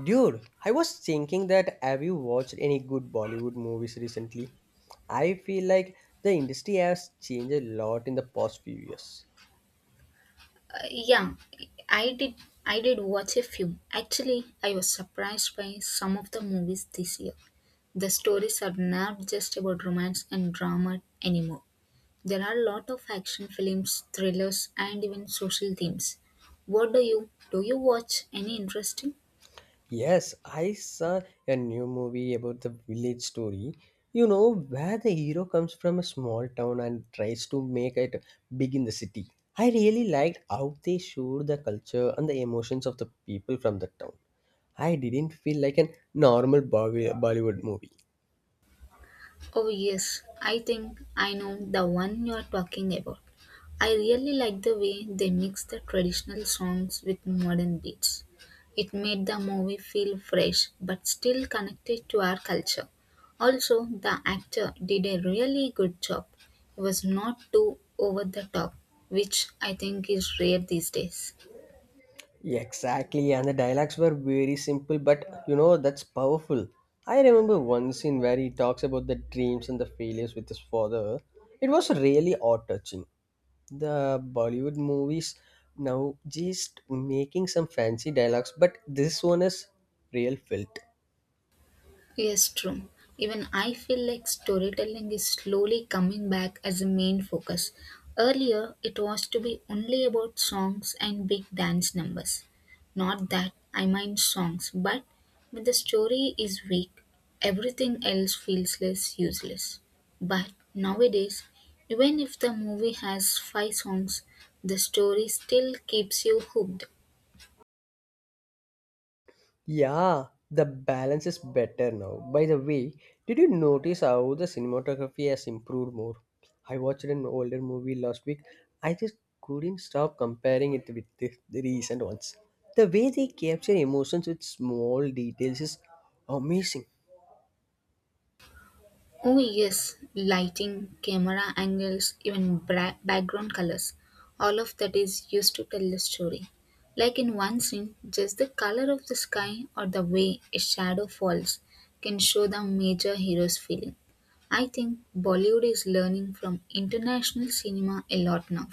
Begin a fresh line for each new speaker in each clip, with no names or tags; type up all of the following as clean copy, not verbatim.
Dude, I was thinking that have you watched any good Bollywood movies recently? I feel like the industry has changed a lot in the past few years.
Yeah, I did. I did watch a few. Actually, I was surprised by some of the movies this year. The stories are not just about romance and drama anymore. There are a lot of action films, thrillers, and even social themes. What do? You watch any interesting?
Yes, I saw a new movie about the village story, where the hero comes from a small town and tries to make it big in the city. I really liked how they showed the culture and the emotions of the people from the town. I didn't feel like a normal Bollywood movie.
Oh yes, I think I know the one you are talking about. I really like the way they mix the traditional songs with modern beats. It made the movie feel fresh but still connected to our culture. Also, the actor did a really good job. He was not too over the top, which I think is rare these days.
Yeah, exactly, and the dialogues were very simple, but you know that's powerful. I remember one scene where he talks about the dreams and the failures with his father. It was really heart-touching. The Bollywood movies now just making some fancy dialogues, but this one is real felt.
Yes, true. Even I feel like storytelling is slowly coming back as a main focus. Earlier, it was to be only about songs and big dance numbers. Not that I mind songs, but when the story is weak, everything else feels less useless. But nowadays, even if the movie has five songs, the story still keeps you hooked.
Yeah, the balance is better now. By the way, did you notice how the cinematography has improved more? I watched an older movie last week. I just couldn't stop comparing it with the recent ones. The way they capture emotions with small details is amazing.
Oh, yes, lighting, camera angles, even background colors. All of that is used to tell the story. Like in one scene, just the color of the sky or the way a shadow falls can show the major hero's feeling. I think Bollywood is learning from international cinema a lot now.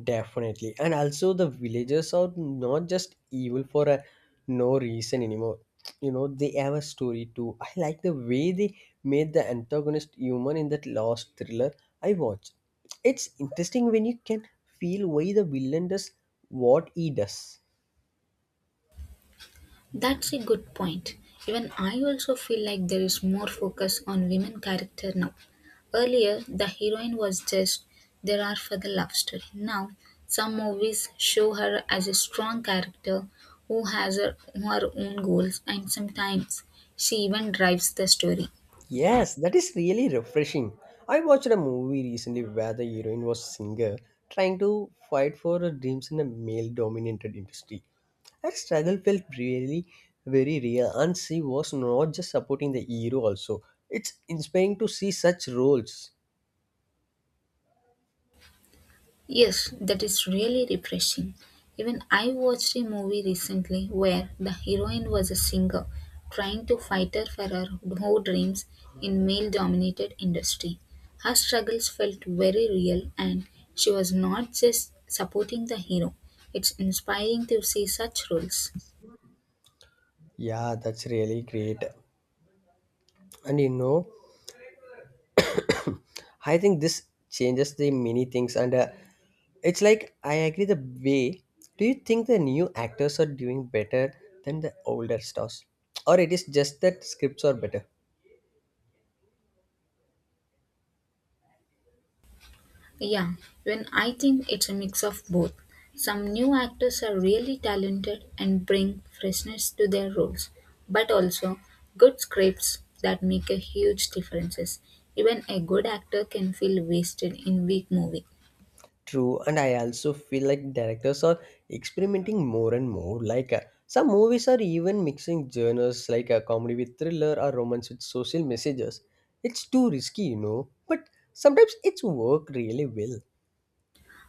Definitely. And also, the villagers are not just evil for a no reason anymore. You know, they have a story too. I like the way they made the antagonist human in that last thriller I watched. It's interesting when you can feel why the villain does what he does.
That's a good point. Even I also feel like there is more focus on women character now. Earlier, the heroine was just there are for the love story. Now, some movies show her as a strong character who has her own goals and sometimes she even drives the story.
Yes, that is really refreshing. I watched a movie recently where the heroine was a singer trying to fight for her dreams in a male dominated industry. Her struggle felt really very real, and she was not just supporting the hero, also. It's inspiring to see such roles.
Yes, that is really refreshing. Even I watched a movie recently where the heroine was a singer trying to fight her for her whole dreams in male dominated industry. Her struggles felt very real and she was not just supporting the hero. It's inspiring to see such roles.
Yeah, that's really great. And you know, I think this changes the many things and it's like I agree the way. Do you think the new actors are doing better than the older stars? Or it is just that scripts are better?
Yeah, when I think it's a mix of both. Some new actors are really talented and bring freshness to their roles, but also good scripts that make a huge differences. Even a good actor can feel wasted in weak movies.
True, and I also feel like directors are experimenting more and more. Some movies are even mixing genres like a comedy with thriller or romance with social messages. It's too risky, you know, but sometimes it's work really well.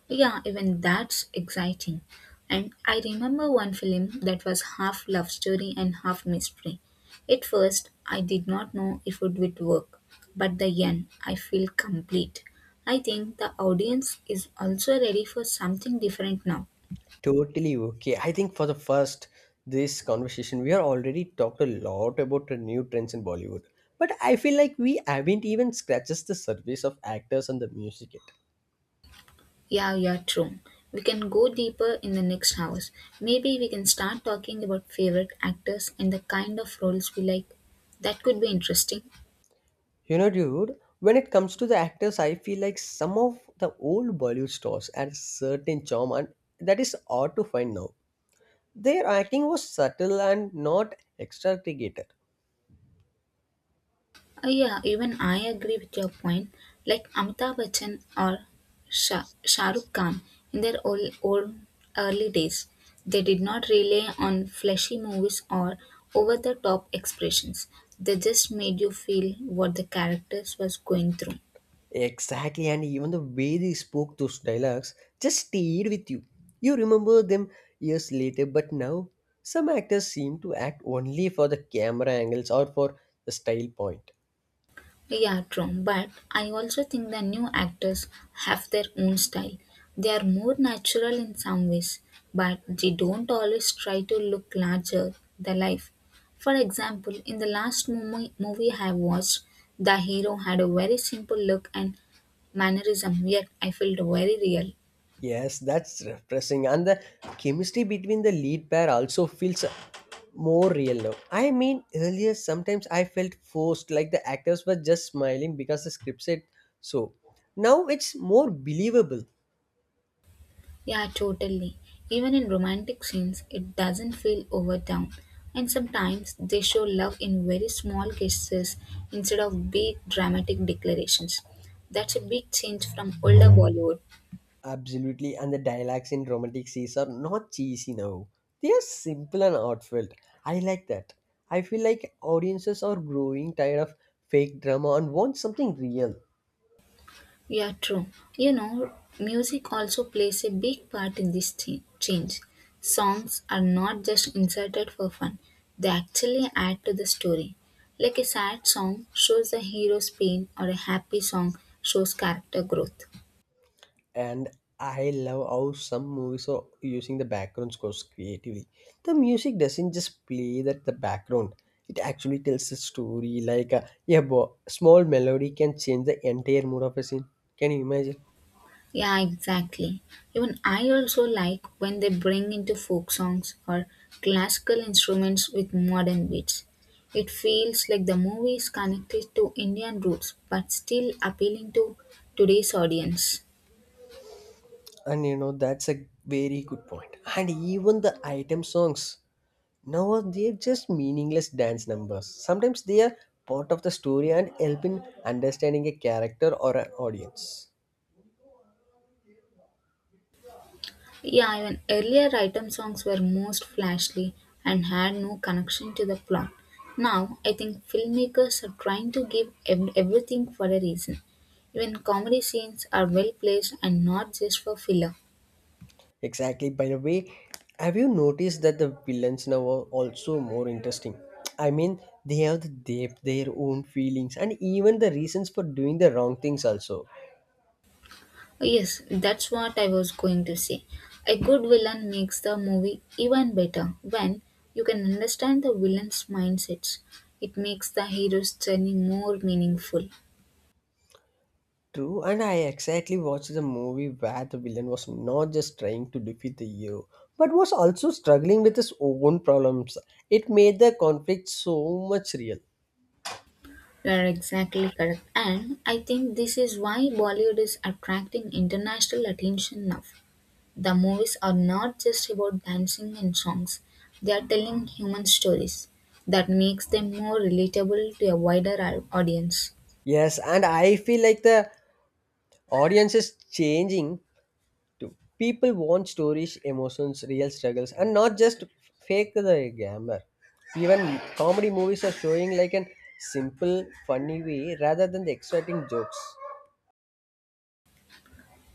Yeah, even that's exciting. And I remember one film that was half love story and half mystery. At first, I did not know if it would work, but the end, I feel complete. I think the audience is also ready for something different now.
Totally okay. I think for the first this conversation, we are already talked a lot about the new trends in Bollywood, but I feel like we haven't even scratched the surface of actors and the music yet.
Yeah, yeah, true. We can go deeper in the next hours. Maybe we can start talking about favorite actors and the kind of roles we like. That could be interesting.
You know, dude, when it comes to the actors, I feel like some of the old Bollywood stars had a certain charm, and that is hard to find now. Their acting was subtle and not extravagant.
Yeah, even I agree with your point. Like Amitabh Bachchan or Shah Rukh Khan in their old early days, they did not rely on flashy movies or over the top expressions. They just made you feel what the characters was going through.
Exactly, and even the way they spoke those dialogues just stayed with you. You remember them years later, but now some actors seem to act only for the camera angles or for the style point.
Yeah, true. But I also think the new actors have their own style. They are more natural in some ways, but they don't always try to look larger than life. For example, in the last movie I watched, the hero had a very simple look and mannerism, yet I felt very real.
Yes, that's refreshing, and the chemistry between the lead pair also feels more real now. I mean, earlier sometimes I felt forced, like the actors were just smiling because the script said so. Now it's more believable.
Yeah, totally. Even in romantic scenes, it doesn't feel overdone. And sometimes they show love in very small gestures instead of big dramatic declarations. That's a big change from older Bollywood.
Absolutely, and the dialects in romantic scenes are not cheesy now. They are simple and heartfelt. I like that. I feel like audiences are growing tired of fake drama and want something real.
Yeah, true. You know, music also plays a big part in this change. Songs are not just inserted for fun, they actually add to the story. Like a sad song shows the hero's pain, or a happy song shows character growth.
And I love how some movies are using the background scores creatively. The music doesn't just play that the background. It actually tells a story. Small melody can change the entire mood of a scene. Can you imagine?
Yeah, exactly. Even I also like when they bring into folk songs or classical instruments with modern beats. It feels like the movie is connected to Indian roots but still appealing to today's audience.
And you know, that's a very good point. And even the item songs, now they're just meaningless dance numbers. Sometimes they are part of the story and help in understanding a character or an audience.
Yeah, even earlier item songs were most flashy and had no connection to the plot. Now, I think filmmakers are trying to give everything for a reason. Even comedy scenes are well placed and not just for filler.
Exactly. By the way, have you noticed that the villains now are also more interesting? I mean, they have the depth, their own feelings, and even the reasons for doing the wrong things also.
Yes, that's what I was going to say. A good villain makes the movie even better when you can understand the villain's mindsets. It makes the hero's journey more meaningful.
True, and I exactly watched the movie where the villain was not just trying to defeat the hero, but was also struggling with his own problems. It made the conflict so much real.
You are exactly correct. And I think this is why Bollywood is attracting international attention now. The movies are not just about dancing and songs, they are telling human stories that makes them more relatable to a wider audience.
Yes, and I feel like the audience is changing too. People want stories, emotions, real struggles, and not just fake the glamour. Even comedy movies are showing like an simple, funny way rather than the exciting jokes.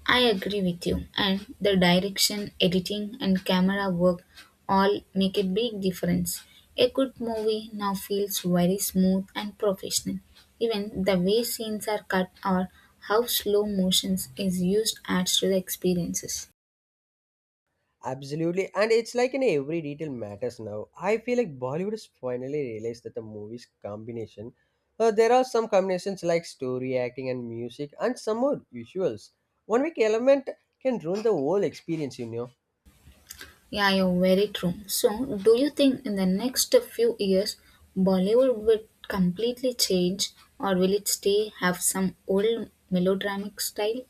I agree with you, and the direction, editing, and camera work all make a big difference. A good movie now feels very smooth and professional. Even the way scenes are cut or how slow motions is used adds to the experiences.
Absolutely, and it's like in every detail matters now. I feel like Bollywood has finally realized that the movies combination. There are some combinations like story, acting, and music, and some more visuals. One week element can ruin the whole experience, you know.
Yeah, you're very true. So, do you think in the next few years Bollywood will completely change or will it stay have some old melodramatic style?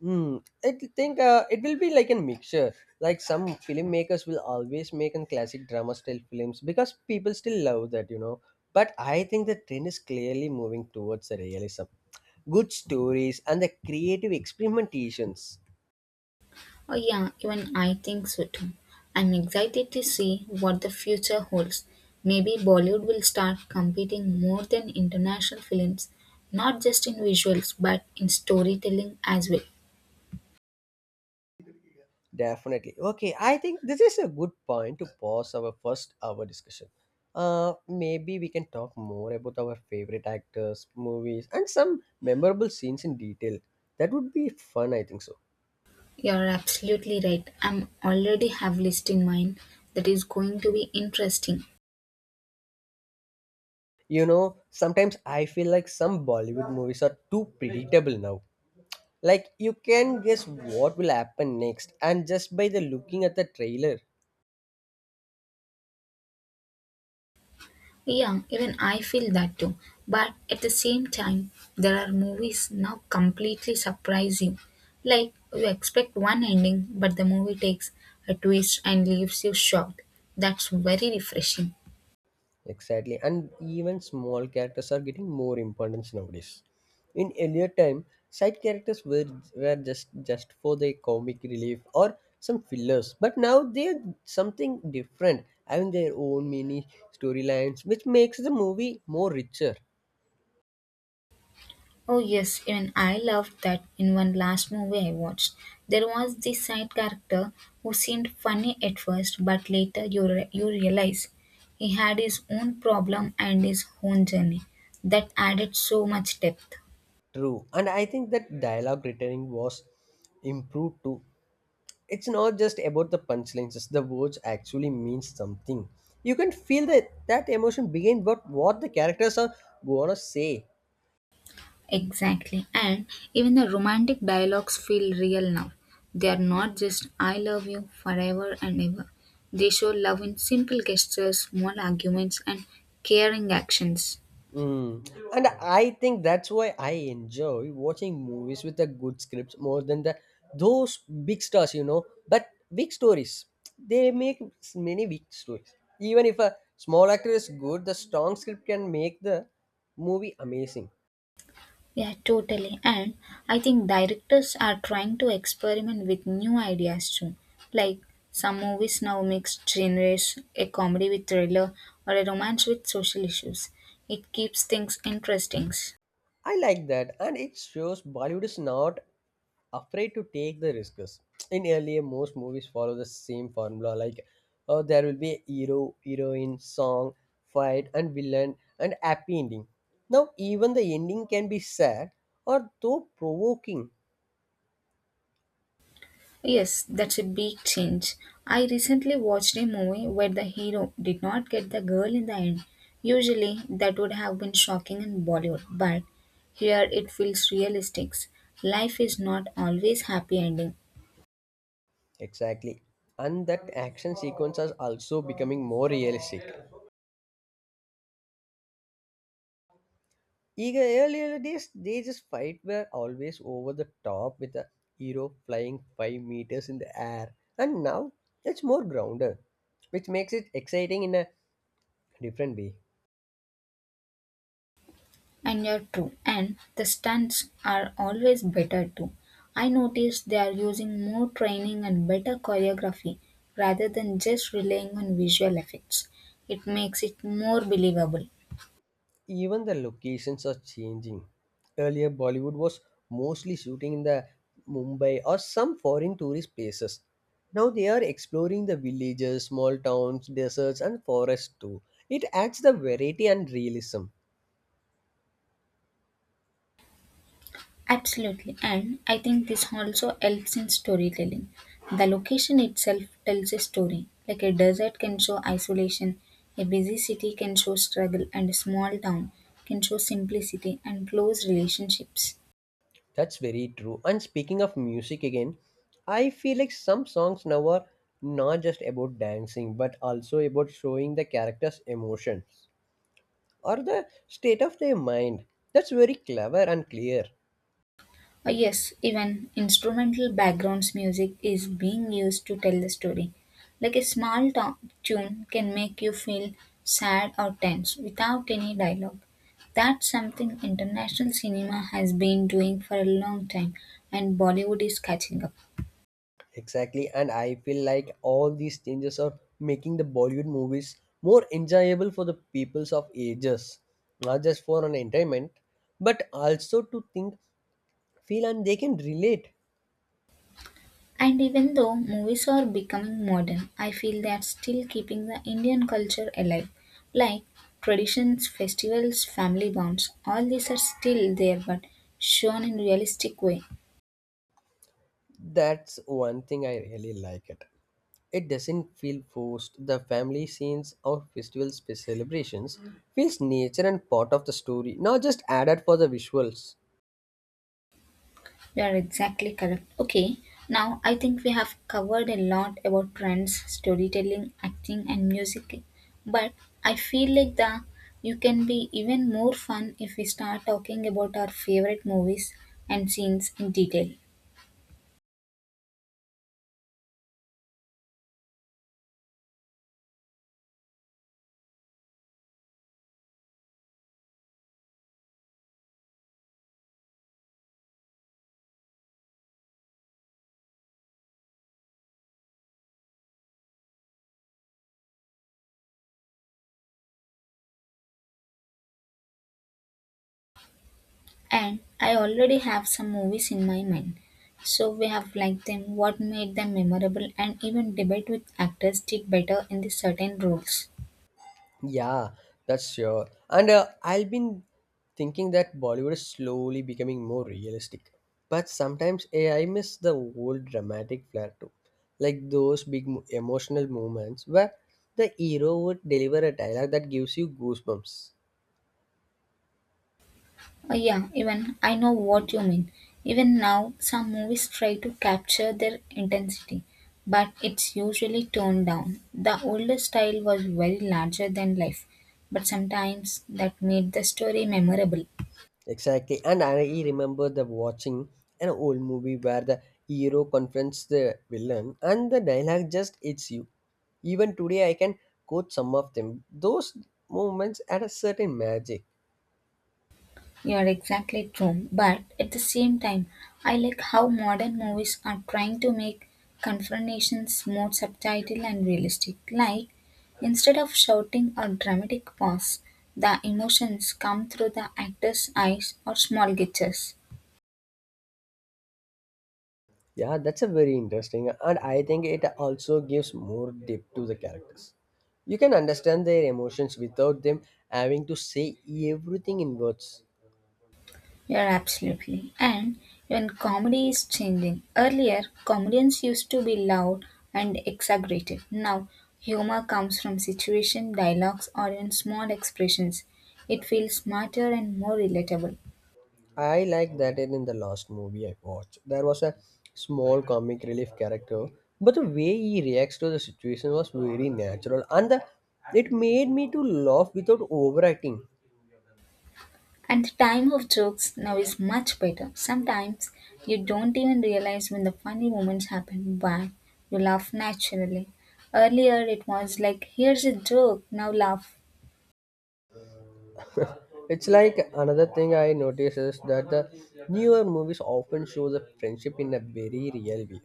Hmm. I th- think It will be like a mixture. Like some filmmakers will always make a classic drama style films because people still love that, you know. But I think the trend is clearly moving towards the realism, good stories, and the creative experimentations.
Oh, yeah, even I think so too. I'm excited to see what the future holds. Maybe Bollywood will start competing more than international films, not just in visuals but in storytelling as well.
Definitely. Okay, I think this is a good point to pause our first hour discussion. Maybe we can talk more about our favorite actors, movies, and some memorable scenes in detail. That would be fun, I think so.
You're absolutely right. I'm already have list in mind that is going to be interesting.
You know, sometimes I feel like some Bollywood movies are too predictable now. Like you can guess what will happen next and just by the looking at the trailer.
Yeah, even I feel that too. But at the same time, there are movies now completely surprise you. Like you expect one ending, but the movie takes a twist and leaves you shocked. That's very refreshing.
Exactly. And even small characters are getting more importance nowadays. In earlier time, side characters were just for the comic relief or some fillers. But now they're something different, having their own mini storylines, which makes the movie more richer.
Oh yes, even I loved that in one last movie I watched. There was this side character who seemed funny at first, but later you realize he had his own problem and his own journey. That added so much depth.
True. And I think that dialogue returning was improved too. It's not just about the punchlines, it's the words actually mean something. You can feel that emotion behind what the characters are gonna say.
Exactly. And even the romantic dialogues feel real now. They are not just I love you forever and ever. They show love in simple gestures, small arguments, and caring actions.
Mm. And I think that's why I enjoy watching movies with a good scripts more than the those big stars, you know. But big stories, they many big stories. Even if a small actor is good, the strong script can make the movie amazing.
Yeah, totally. And I think directors are trying to experiment with new ideas too. Like some movies now mix genres, a comedy with thriller, or a romance with social issues. It keeps things interesting.
I like that, and it shows Bollywood is not afraid to take the risks. In earlier, most movies follow the same formula like there will be a hero, heroine, song, fight, and villain, and happy ending. Now, even the ending can be sad or though provoking.
Yes, that's a big change. I recently watched a movie where the hero did not get the girl in the end. Usually, that would have been shocking in Bollywood, but here it feels realistic. Life is not always happy ending,
Exactly. And that action sequences are also becoming more realistic. Eager earlier days, they just fight were always over the top with a hero flying 5 meters in the air, and now it's more grounded, which makes it exciting in a different way.
and you're true. And the stunts are always better too. I noticed they are using more training and better choreography rather than just relying on visual effects. It makes it more believable.
Even the locations are changing. Earlier, Bollywood was mostly shooting in the Mumbai or some foreign tourist places. Now they are exploring the villages, small towns, deserts, and forests too. It adds the variety and realism.
Absolutely, and I think this also helps in storytelling. The location itself tells a story. Like a desert can show isolation, a busy city can show struggle, and a small town can show simplicity and close relationships.
That's very true. And speaking of music again, I feel like some songs now are not just about dancing but also about showing the character's emotions or the state of their mind. That's very clever and clear.
Yes, even instrumental backgrounds music is being used to tell the story. Like a small tune can make you feel sad or tense without any dialogue. That's something international cinema has been doing for a long time and Bollywood is catching up.
Exactly. And I feel like all these changes are making the Bollywood movies more enjoyable for the peoples of ages, not just for an entertainment, but also to think, feel, and they can relate.
And even though movies are becoming modern, I feel they are still keeping the Indian culture alive. Like traditions, festivals, family bonds, all these are still there but shown in realistic way.
That's one thing I really like it. It doesn't feel forced. The family scenes or celebrations feels nature and part of the story, not just added for the visuals.
You are exactly correct. Okay, now I think we have covered a lot about trends, storytelling, acting, and music. But I feel like the you can be even more fun if we start talking about our favorite movies and scenes in detail. And I already have some movies in my mind. So we have liked them, what made them memorable, and even debate which actors did better in the certain roles.
Yeah, that's sure. And I've been thinking that Bollywood is slowly becoming more realistic. But sometimes I miss the old dramatic flair too. Like those big emotional moments where the hero would deliver a dialogue that gives you goosebumps.
Yeah, even I know what you mean. Even now, some movies try to capture their intensity, but it's usually toned down. The older style was very larger than life, but sometimes that made the story memorable.
Exactly, and I remember the watching an old movie where the hero confronts the villain, and the dialogue just hits you. Even today, I can quote some of them. Those moments had a certain magic.
You're exactly true, but at the same time, I like how modern movies are trying to make confrontations more subtle and realistic. Like, instead of shouting or dramatic pause, the emotions come through the actor's eyes or small gestures.
Yeah, that's a very interesting, and I think it also gives more depth to the characters. You can understand their emotions without them having to say everything in words.
Yeah, absolutely. And when comedy is changing, earlier comedians used to be loud and exaggerated. Now, humor comes from situation, dialogues, or even small expressions. It feels smarter and more relatable.
I like that in, the last movie I watched. There was a small comic relief character, but the way he reacts to the situation was very natural, and the, it made me to laugh without overacting.
And the time of jokes now is much better. Sometimes you don't even realize when the funny moments happen, but you laugh naturally. Earlier it was like, here's a joke, now laugh.
It's like another thing I notice is that the newer movies often show the friendship in a very real way,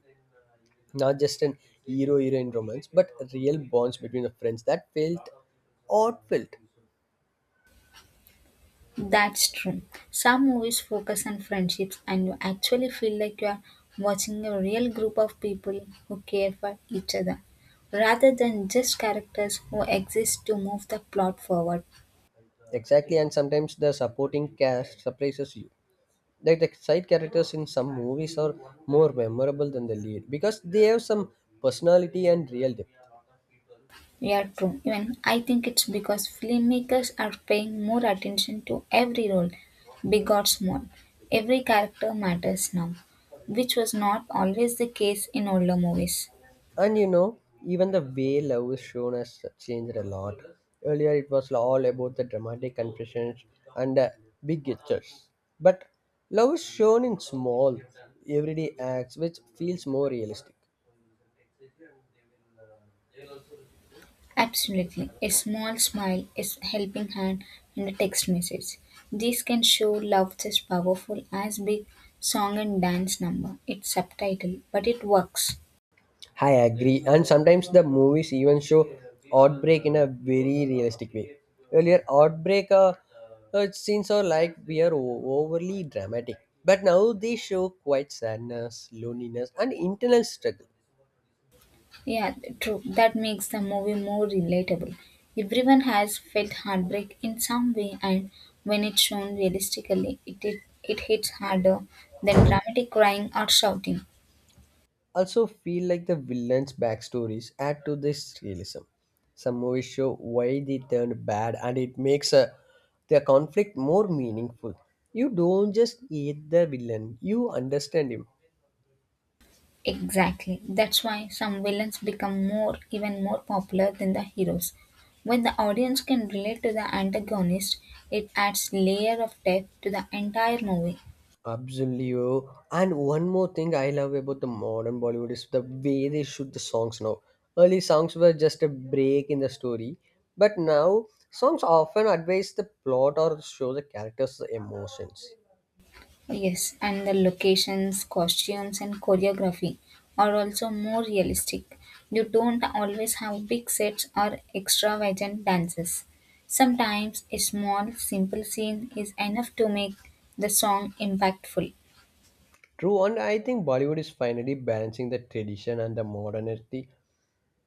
not just an hero heroine romance, but real bonds between the friends that felt odd felt
That's true. Some movies focus on friendships, and you actually feel like you are watching a real group of people who care for each other rather than just characters who exist to move the plot forward.
exactly, and sometimes the supporting cast surprises you like the side characters in some movies are more memorable than the lead because they have some personality and real depth
Yeah, true. Even I think it's because filmmakers are paying more attention to every role, big or small. Every character matters now, which was not always the case in older movies.
and you know even the way love is shown has changed a lot earlier it was all about the dramatic confessions and big gestures but love is shown in small everyday acts which feels more realistic.
Absolutely. A small smile, helping hand, and a text message. These can show love just powerful as big song and dance number. It's subtitle, but it works.
I agree, and sometimes the movies even show outbreak in a very realistic way. Earlier, outbreak scenes are like we are overly dramatic, but now they show quite sadness, loneliness, and internal struggle.
Yeah, true. That makes the movie more relatable. Everyone has felt heartbreak in some way, and when it's shown realistically, it hits harder than dramatic crying or shouting.
Also, feel like the villains' backstories add to this realism. Some movies show why they turned bad, and it makes their conflict more meaningful. You don't just hate the villain; you understand him.
Exactly. That's why some villains become more even more popular than the heroes. When the audience can relate to the antagonist, it adds layer of depth to the entire movie.
Absolutely, bro. And one more thing I love about the modern Bollywood is the way they shoot the songs now. Early songs were just a break in the story, but now songs often advance the plot or show the characters' emotions.
Yes, and the locations, costumes and choreography are also more realistic. You don't always have big sets or extravagant dances. Sometimes a small simple scene is enough to make the song impactful.
True, and I think Bollywood is finally balancing the tradition and the modernity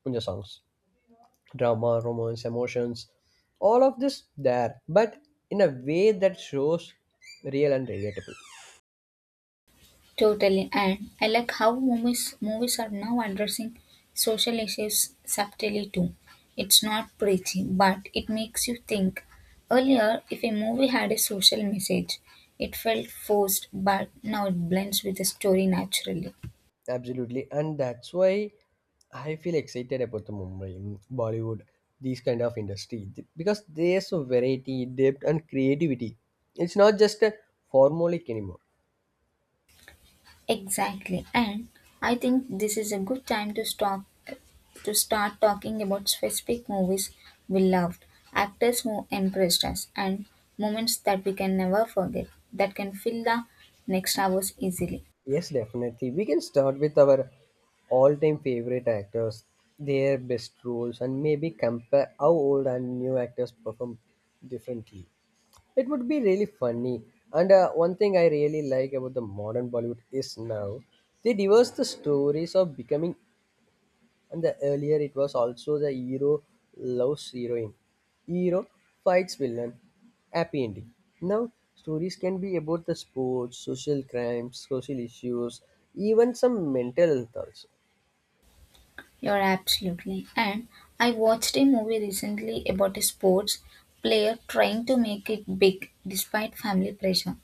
in the songs. Drama, romance, emotions, all of this there, but in a way that shows real and relatable.
Totally, and I like how movies are now addressing social issues subtly too. It's not preachy, but it makes you think. Earlier, if a movie had a social message, it felt forced, but now it blends with the story naturally.
Absolutely, and that's why I feel excited about the Mumbai Bollywood, these kind of industry because there's a variety, depth, and creativity. It's not just a formulaic anymore.
Exactly. And I think this is a good time to stop to start talking about specific movies we loved, actors who impressed us, and moments that we can never forget that can fill the next hours easily.
Yes, definitely, we can start with our all-time favorite actors, their best roles, and maybe compare how old and new actors perform differently. It would be really funny. And one thing I really like about the modern Bollywood is now they divorce the stories of becoming and the earlier it was also the hero loves heroine. Hero fights villain, happy ending. Now stories can be about the sports, social crimes, social issues, even some mental health also.
You're absolutely. And I watched a movie recently about a sports player trying to make it big despite family pressure.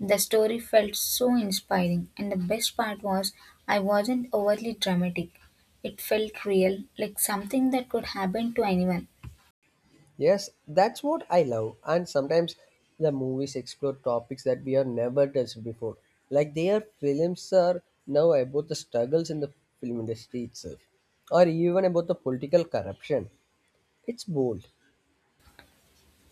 The story felt so inspiring, and the best part was I wasn't overly dramatic. It felt real, like something that could happen to anyone.
Yes, that's what I love. And sometimes the movies explore topics that we have never touched before. Like their films are now about the struggles in the film industry itself, or even about the political corruption. It's bold.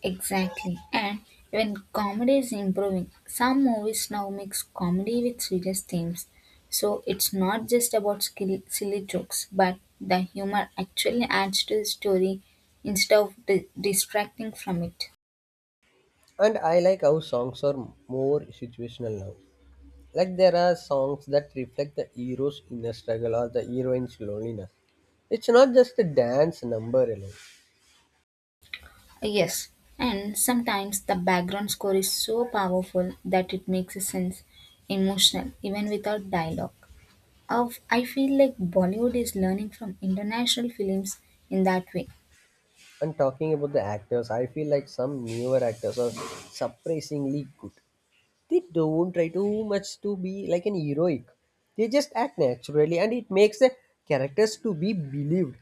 Exactly. And when comedy is improving, some movies now mix comedy with serious themes. So it's not just about silly jokes, but the humor actually adds to the story instead of distracting from it.
And I like how songs are more situational now. Like there are songs that reflect the hero's inner struggle or the heroine's loneliness. It's not just a dance number alone.
Yes, and sometimes the background score is so powerful that it makes a sense emotional even without dialogue. Of I feel like Bollywood is learning from international films in that way.
And talking about the actors, I feel like some newer actors are surprisingly good. They don't try too much to be like an heroic. They just act naturally and it makes the characters to be believed.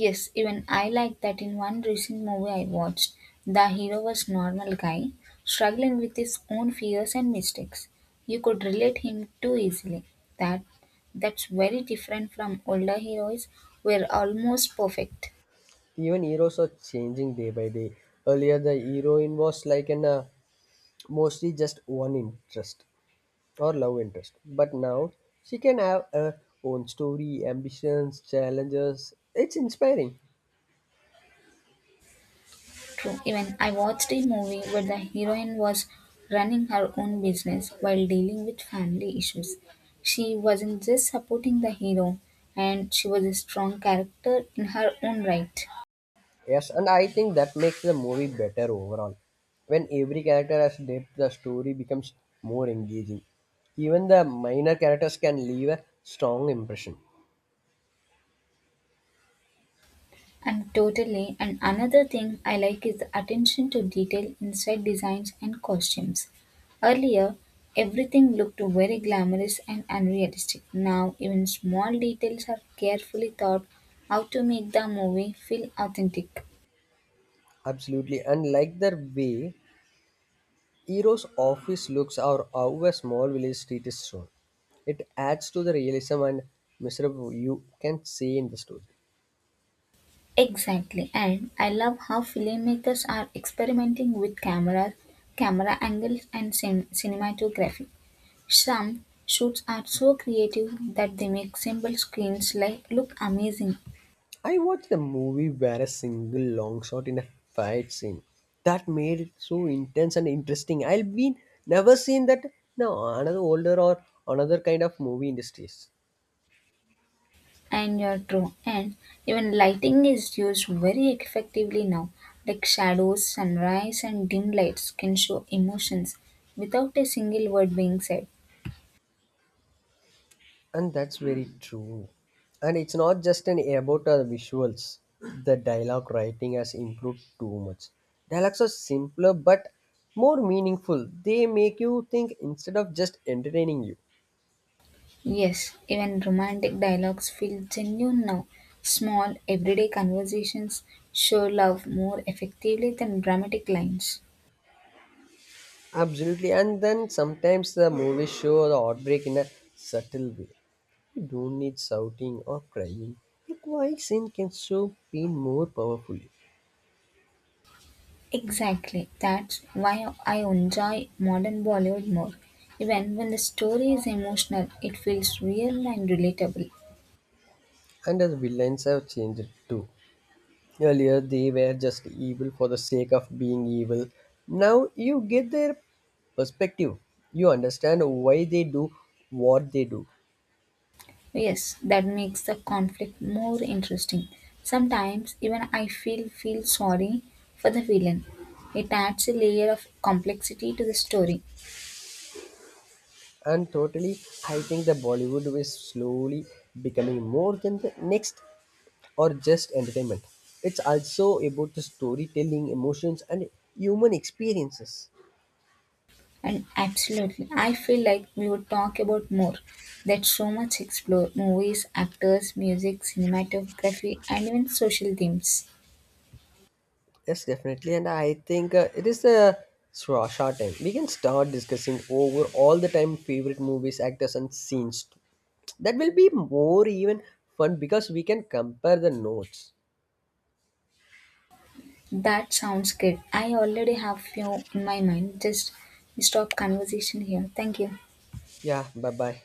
Yes, even I like that in one recent movie I watched. The hero was normal guy, struggling with his own fears and mistakes. You could relate him too easily. That that's very different from older heroes who were almost perfect.
Even heroes are changing day by day. Earlier the heroine was like an mostly just one interest or love interest. But now she can have her own story, ambitions, challenges. It's inspiring.
True. Even I watched a movie where the heroine was running her own business while dealing with family issues. She wasn't just supporting the hero and she was a strong character in her own right.
Yes, and I think that makes the movie better overall. When every character has depth, the story becomes more engaging. Even the minor characters can leave a strong impression.
And totally, and another thing I like is the attention to detail inside designs and costumes. Earlier, everything looked very glamorous and unrealistic. Now, even small details are carefully thought out to make the movie feel authentic.
Absolutely, and like the way Eero's office looks or how a small village street is shown. It adds to the realism and miserable you can see in the story.
Exactly, and I love how filmmakers are experimenting with camera angles, and cinematography. Some shoots are so creative that they make simple screens like look amazing.
I watched a movie where a single long shot in a fight scene that made it so intense and interesting. I've been never seen that now another older or another kind of movie industries.
And you're true. And even lighting is used very effectively now. Like shadows, sunrise, and dim lights can show emotions without a single word being said.
And that's very true. And it's not just an about the visuals. The dialogue writing has improved too much. Dialogues are simpler but more meaningful. They make you think instead of just entertaining you.
Yes, even romantic dialogues feel genuine now. Small, everyday conversations show love more effectively than dramatic lines.
Absolutely. And then sometimes the movies show the heartbreak in a subtle way. You don't need shouting or crying. A quiet scene can show pain more powerfully.
Exactly. That's why I enjoy modern Bollywood more. Even when the story is emotional, it feels real and relatable.
And the villains have changed too. Earlier, they were just evil for the sake of being evil. Now you get their perspective. You understand why they do what they do.
Yes, that makes the conflict more interesting. Sometimes even I feel sorry for the villain. It adds a layer of complexity to the story.
And totally, I think the Bollywood is slowly becoming more than the next or just entertainment. It's also about the storytelling, emotions, and human experiences.
And absolutely, I feel like we would talk about more. That's so much explore movies, actors, music, cinematography, and even social themes.
Yes, definitely. And I think it is a short time. We can start discussing over all the time favorite movies, actors, and scenes. That will be more even fun because we can compare the notes.
That sounds good. I already have few in my mind. Just stop conversation here. Thank you.
Yeah, bye bye.